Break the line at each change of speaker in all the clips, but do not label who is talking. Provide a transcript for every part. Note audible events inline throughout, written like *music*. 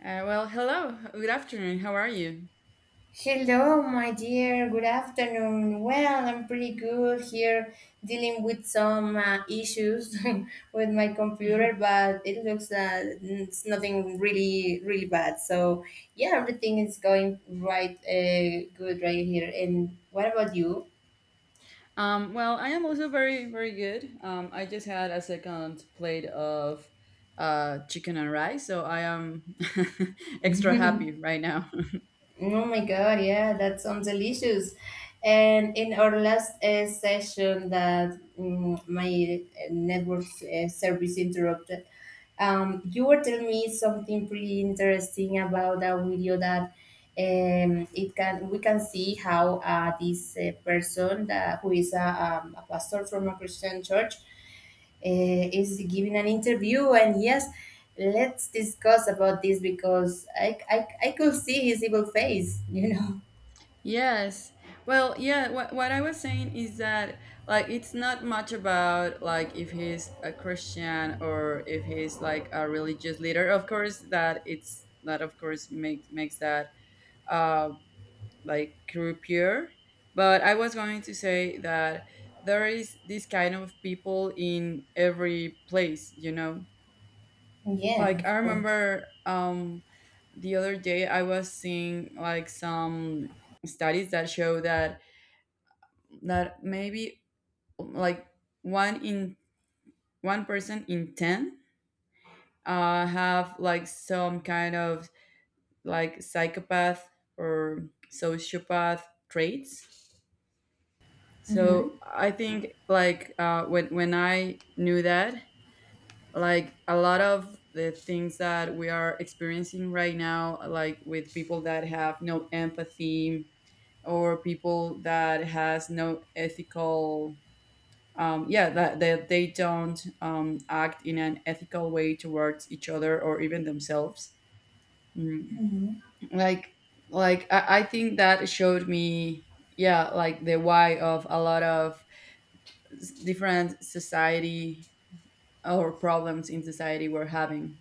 Well, hello. Good afternoon. How are you?
Hello, my dear. Good afternoon. Well, I'm pretty good here dealing with some issues *laughs* with my computer, but it looks it's nothing really, really bad. So, yeah, everything is going right, good right here. And what about you?
Well, I am also very, very good. I just had a second plate of chicken and rice, so I am *laughs* extra happy right now. *laughs*
Oh my God, yeah, that sounds delicious. And in our last session that my network service interrupted, you were telling me something pretty interesting about a video that it can we can see how this person who is a pastor from a Christian church is giving an interview, and yes, let's discuss about this because I could see his evil face *laughs* you know
Yes. Well, yeah, what I was saying is that like it's not much about like if he's a Christian or if he's like a religious leader. Of course that it's that of course makes that um like croupier. But I was going to say that there is this kind of people in every place, you know?
Yeah,
Like
of
I
course.
remember the other day I was seeing like some studies that show that maybe like one in one person in 10 have like some kind of like psychopath or sociopath traits.
Mm-hmm.
So I think like when I knew that, like a lot of the things that we are experiencing right now, like with people that have no empathy or people that has no ethical, yeah, that they don't act in an ethical way towards each other or even themselves. Mm.
Mm-hmm.
Like like I think that showed me, yeah, like the why of a lot of different society or problems in society we're having.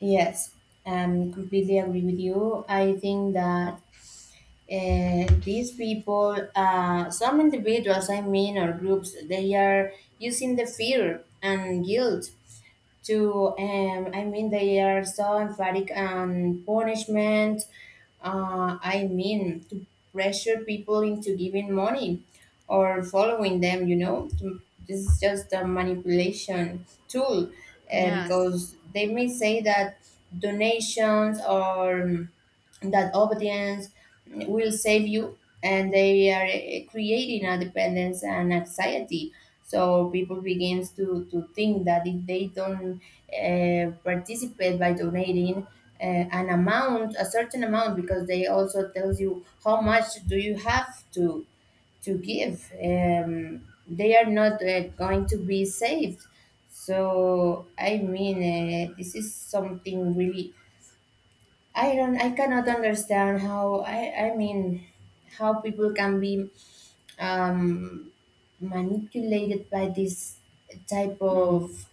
Yes, completely agree with you. I think that these people, some individuals, I mean, or groups, they are using the fear and guilt to, I mean, they are so emphatic on punishment. I mean, to pressure people into giving money or following them, you know. This is just a manipulation tool,
Yes.
because they may say that donations, or that obedience will save you, and they are creating a dependence and anxiety. So people begins to think that if they don't participate by donating an amount a certain amount, because they also tells you how much do you have to give, they are not going to be saved. So, I mean, this is something really, I don't, I cannot understand how, I mean, how people can be, um, manipulated by this type of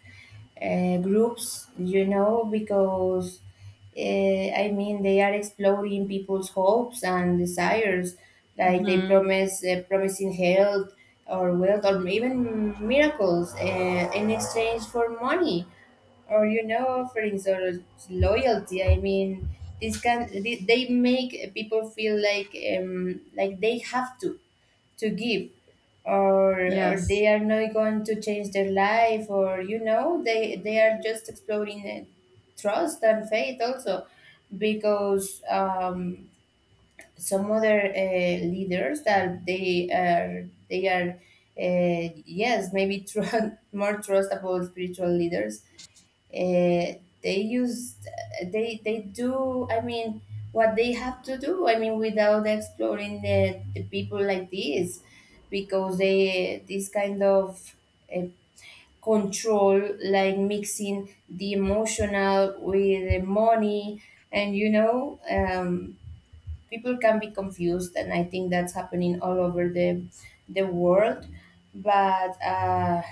groups, you know, because, uh, I mean, they are exploiting people's hopes and desires, like they
Mm-hmm.
promise, promising health or wealth or even miracles in exchange for money, or, you know, offerings or loyalty. I mean, this can, they make people feel like, like they have to give, or
Yes.
they are not going to change their life, or, you know, they are just exploring, trust and faith also, because, some other leaders that they are, yes, maybe tru- *laughs* more trustable spiritual leaders, uh, they use, they do, I mean, what they have to do, I mean, without exploring the people like this, because they this kind of uh, control, like mixing the emotional with the money and, you know, people can be confused, and I think that's happening all over the world. But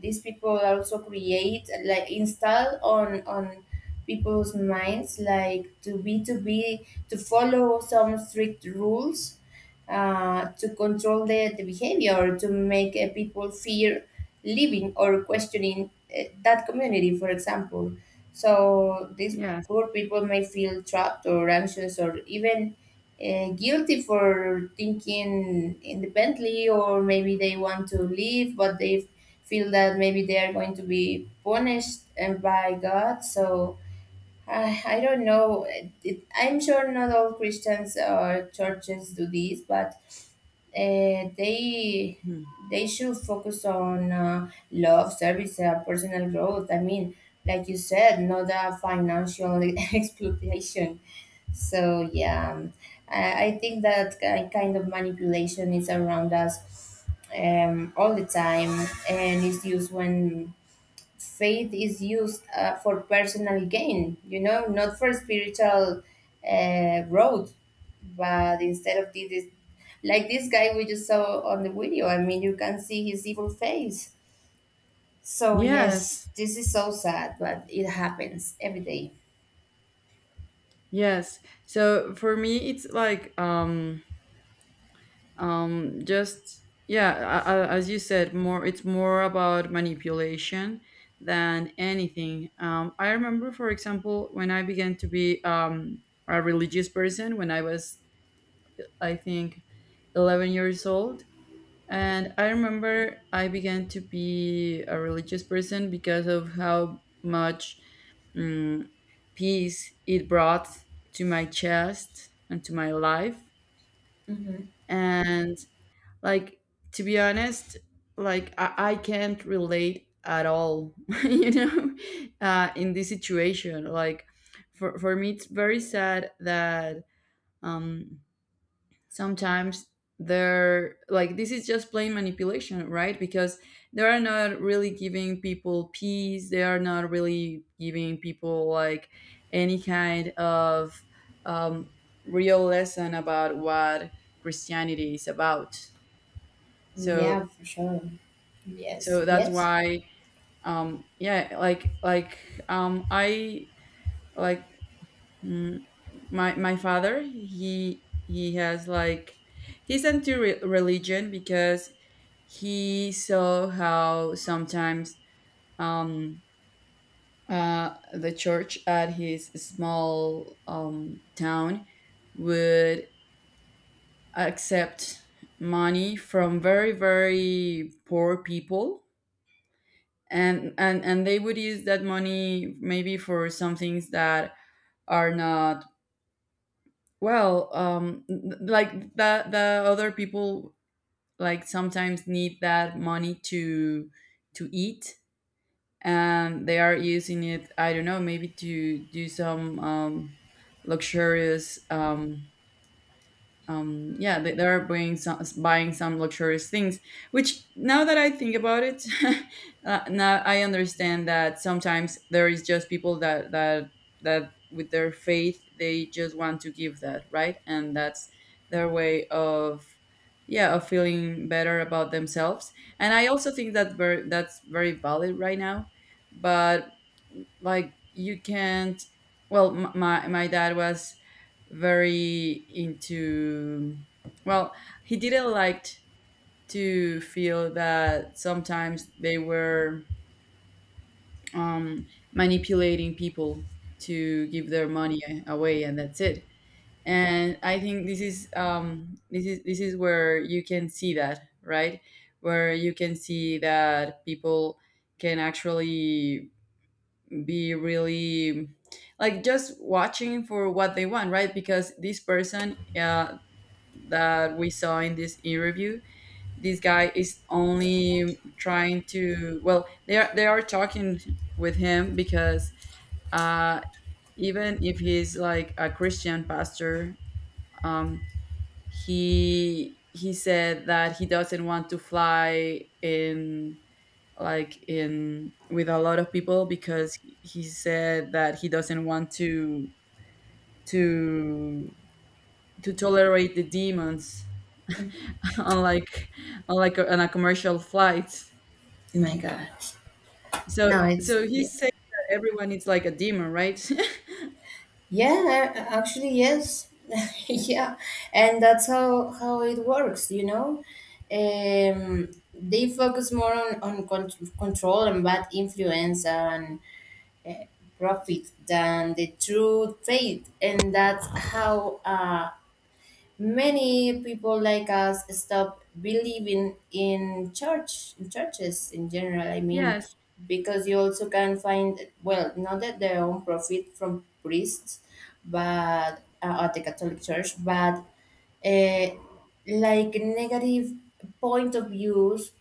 these people also create, like install on people's minds like to be to follow some strict rules, to control the behavior, to make people fear living or questioning that community, for example. So these
Yes.
poor people may feel trapped or anxious or even guilty for thinking independently, or maybe they want to leave, but they feel that maybe they are going to be punished and by God. So I don't know, it, I'm sure not all Christians or churches do this, but uh, they
Mhm.
they should focus on love, service, personal growth. I mean, like you said, not a financial *laughs* exploitation. So yeah, I think that kind of manipulation is around us, all the time, and it's used when faith is used for personal gain, you know, not for spiritual growth. But instead of this, like this guy we just saw on the video, I mean, you can see his evil face. So, yes,
Yes.
this is so sad, but it happens every day.
Yes. So for me, it's like just yeah, as you said, more it's more about manipulation than anything. I remember, for example, when I began to be a religious person when I was, I think, 11 years old. And I remember I began to be a religious person because of how much mm, peace it brought to my chest and to my life.
Mhm.
And like to be honest, like I can't relate at all, *laughs* you know, in this situation. Like for me, it's very sad that um, sometimes they're like this is just plain manipulation, right, because they are not really giving people peace, they are not really giving people like any kind of um, real lesson about what Christianity is about.
Yeah,
So
for sure. Yes,
so that's
yes.
why yeah like I like mm, my father he has like he's anti religion because he saw how sometimes um the church at his small town would accept money from very, very poor people, and they would use that money maybe for some things that are not. Well, like the other people like sometimes need that money to eat, and they are using it. I don't know, maybe to do some luxurious yeah, they are buying some luxurious things. Which now that I think about it, *laughs* now I understand that sometimes there is just people that with their faith they just want to give that, right, and that's their way of, yeah, of feeling better about themselves. And I also think that very that's very valid right now, but like you can't. Well, my dad was very into, well, he didn't like to feel that sometimes they were um, manipulating people to give their money away, and that's it. And I think this is where you can see that, right? Where you can see that people can actually be really like just watching for what they want, right? Because this person that we saw in this e-review, this guy is only trying to, well, they are talking with him because uh even if he's like a Christian pastor, um he said that he doesn't want to fly in like in with a lot of people because he said that he doesn't want to to tolerate the demons. Unlike, unlike on like on a commercial flight.
My God. No,
So
it's,
so
yeah.
he's saying that everyone is like a demon, right?
Yeah, actually, yes. *laughs* Yeah, and that's how it works, you know. Um, they focus more on control and bad influence and profit than the true trade, and that's how, many people like us stop believing in church, in churches in general. I
*laughs*
mean,
Yes.
because you also can find, well, not that they own profit from priests, but at the Catholic Church, but uh, like negative point of views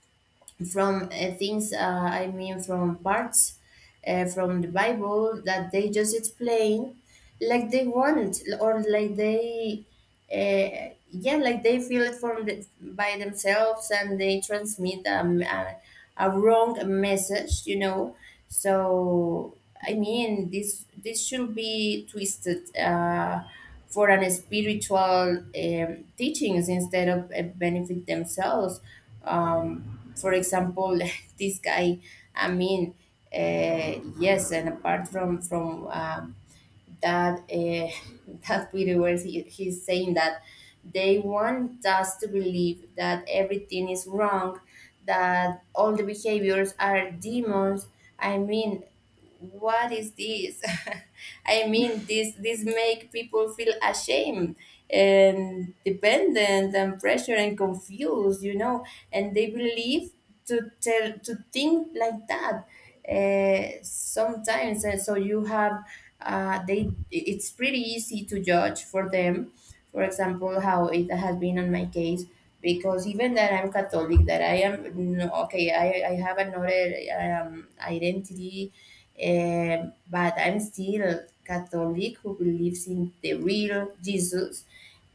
from things, I mean, from parts from the Bible that they just explain like they want it, or like they, yeah, like they feel it from by themselves, and they transmit, a wrong message, you know. So I mean, this should be twisted for an spiritual, teachings instead of benefit themselves. For example, *laughs* this guy, I mean, yes, and apart from that, *laughs* that Peter was, he's saying that they want us to believe that everything is wrong, that all the behaviors are demons. I mean, what is this? *laughs* I mean, this make people feel ashamed and dependent and pressured and confused, you know, and they believe to think like that, sometimes, and so you have, they it's pretty easy to judge for them. For example, how it has been on my case, because even that I'm Catholic, that I am no, okay, I have another identity, but I'm still Catholic who believes in the real Jesus.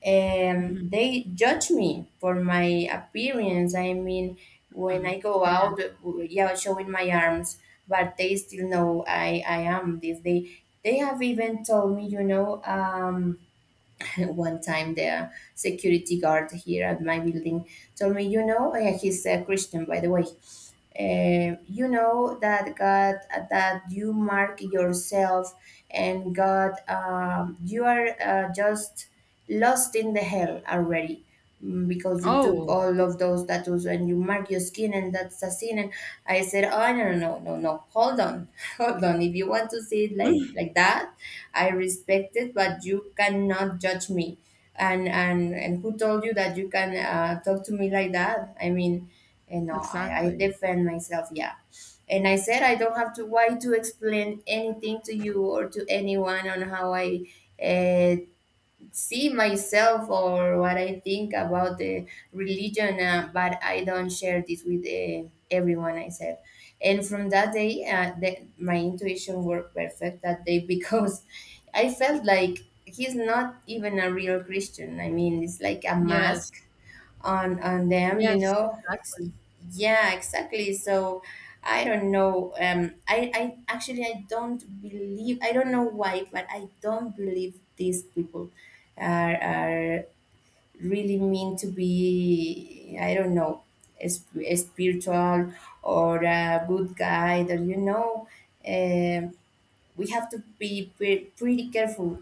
Mhm.
They judge me for my appearance. I mean, when
Mhm.
I go out,
Yeah.
yeah, showing my arms, but they still know I am this. They have even told me, you know, *laughs* one time the security guard here at my building told me, you know, he's a Christian, by the way. You know that God, that you mark yourself, and God, you are just lost in the hell already, because you took
Oh,
all of those tattoos and you mark your skin, and that's a sin. And I said, oh, no, no, no, no, no, hold on, *laughs* hold on, if you want to see it
*laughs*
like that, I respect it, but you cannot judge me. And who told you that you can talk to me like that? I mean, and no, I
exactly.
defend myself, yeah. And I said, I don't have to, why to explain anything to you or to anyone on how I uh, see myself or what I think about the religion, but I don't share this with everyone, I said. And from that day, my intuition worked perfect that day *laughs* because I felt like he's not even a real Christian. I mean, it's like a
Yes.
mask on them, you
Yes,
know.
exactly.
Yeah, exactly. So I don't know. I actually, I don't believe. I don't know why, but I don't believe these people are really mean to be. I don't know, spiritual or a good guy. That, you know. um we have to be pretty careful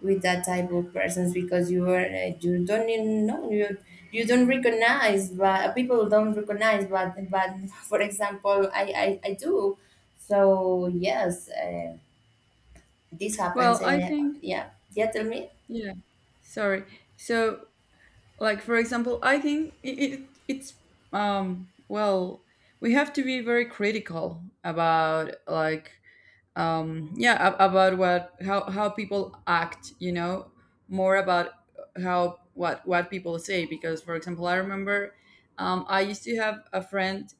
with that type of persons, because you are, you don't even know, you don't recognize, but people don't recognize, but *laughs* for example, I do. So yes, this happens
Well, I think,
yeah, yeah, tell me.
yeah. Sorry. So, like for example, I think it's well, we have to be very critical about like yeah about what how people act, you know, more about how what people say. Because for example I remember I used to have a friend,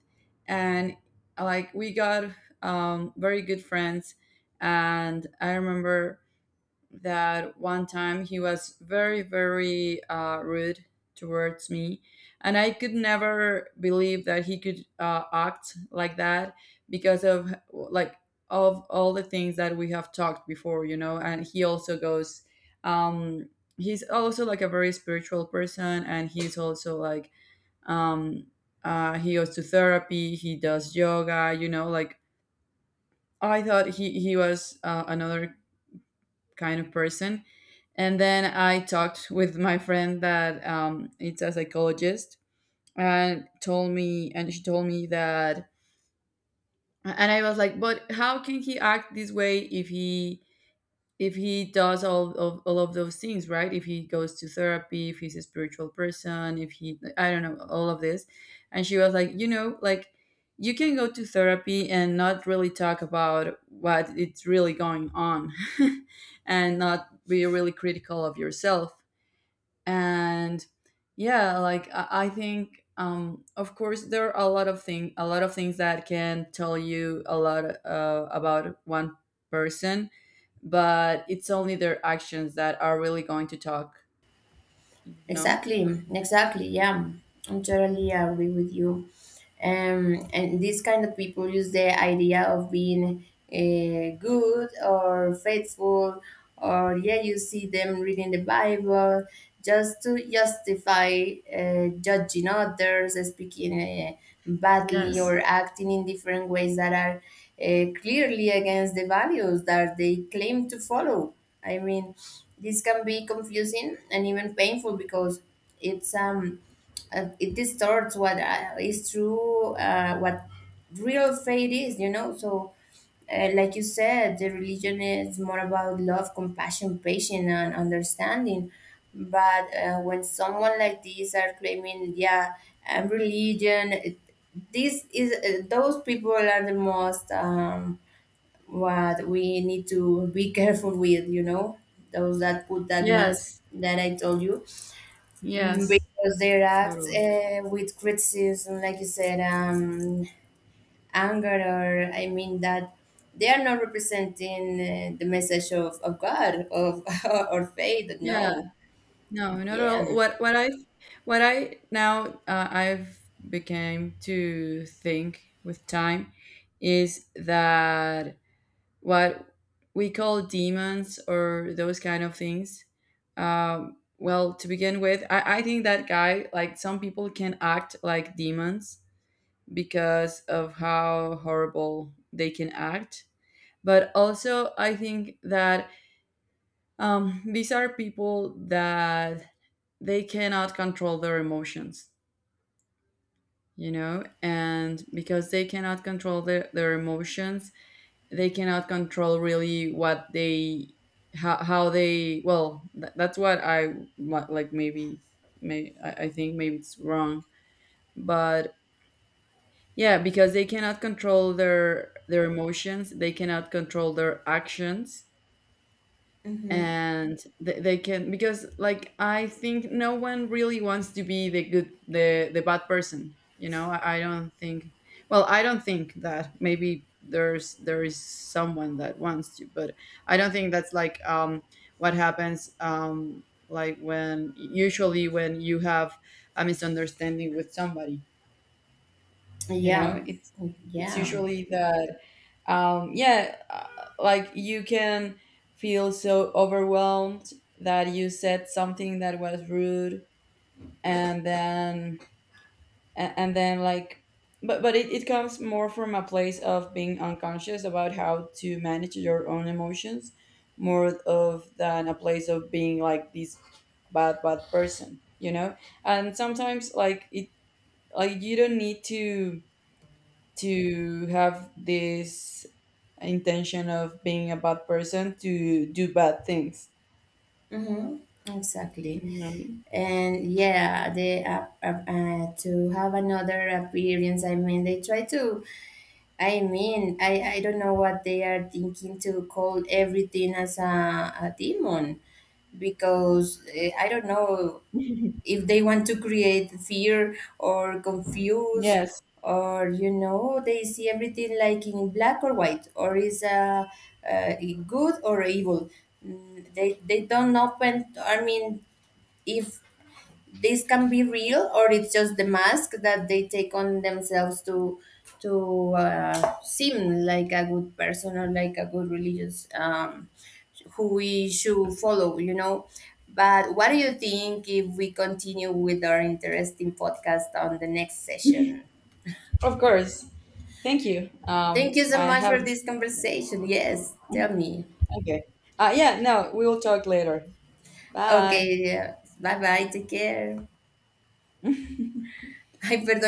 and like we got very good friends, and I remember that one time he was very, very rude towards me. And I could never believe that he could act like that because of like of all the things that we have talked before, you know. And he also goes, um, he's also like a very spiritual person, and he's also like um, he goes to therapy, he does yoga, you know, like I thought he was another kind of person. And then I talked with my friend that it's a psychologist, and told me, and she told me that, and I was like, but how can he act this way if he does all of those things, right? If he goes to therapy, if he's a spiritual person, if he I don't know, all of this. And she was like, you know, like you can go to therapy and not really talk about what it's really going on, *laughs* and not be really critical of yourself. And yeah, like I think, of course there are a lot of things that can tell you a lot about one person, but it's only their actions that are really going to talk. No.
Exactly, exactly. Yeah, I'm totally agree with you. And these kind of people use the idea of being good or faithful, or, yeah, you see them reading the Bible just to justify judging others, speaking badly, or acting in different ways that are clearly against the values that they claim to follow. I mean, this can be confusing and even painful because it's um it distorts what is true, what real faith is, you know. So, like you said, the religion is more about love, compassion, patience, and understanding. But when someone like these are claiming, yeah, I'm religion, it, this is, those people are the most, what we need to be careful with, you know, those that put that mask
Yes.
that I told you.
Yes,
Because they react
totally.
with criticism, like you said, anger, or, I mean, that they are not representing the message of God, of *laughs* or faith.
Yeah.
No,
No, not at
yeah,
all. What what i what i now uh, i've became to think with time is that what we call demons or those kind of things. Well, to begin with, I think that guy, like some people can act like demons because of how horrible they can act. But also, I think that these are people that they cannot control their emotions, you know, and because they cannot control their emotions, they cannot control really what they how they, well, that's what like maybe I think maybe it's wrong, but. Yeah, because they cannot control their emotions, they cannot control their actions,
hmm,
and they can because like I think no one really wants to be the bad person. You know, I don't think. Well, I don't think that maybe there is someone that wants to, but I don't think that's like what happens, like when usually when you have a misunderstanding with somebody, you
yeah,
know, it's
yeah.
usually that yeah, like you can feel so overwhelmed that you said something that was rude, and then a- and then like but it comes more from a place of being unconscious about how to manage your own emotions, more of than a place of being like this bad person, you know. And sometimes like it like you don't need to have this intention of being a bad person to do bad things.
Mm-hmm. Exactly.
No.
And yeah, they to have another appearance. I mean, they try to. I mean, I don't know what they are thinking to call everything as a demon, because I don't know
*laughs*
if they want to create fear or confuse,
Yes,
or, you know, they see everything like in black or white, or is, uh, good or evil. They don't open, I mean, if this can be real or it's just the mask that they take on themselves to seem like a good person or like a good religious, who we should follow, you know. But what do you think if we continue with our interesting podcast on the next session?
of course. Thank you.
Thank you so
I
much
have
for this conversation. Yes, tell me.
okay. Yeah, no, we will talk later. Bye.
Okay, yeah. Bye bye, take care. *laughs* Ay, perdón.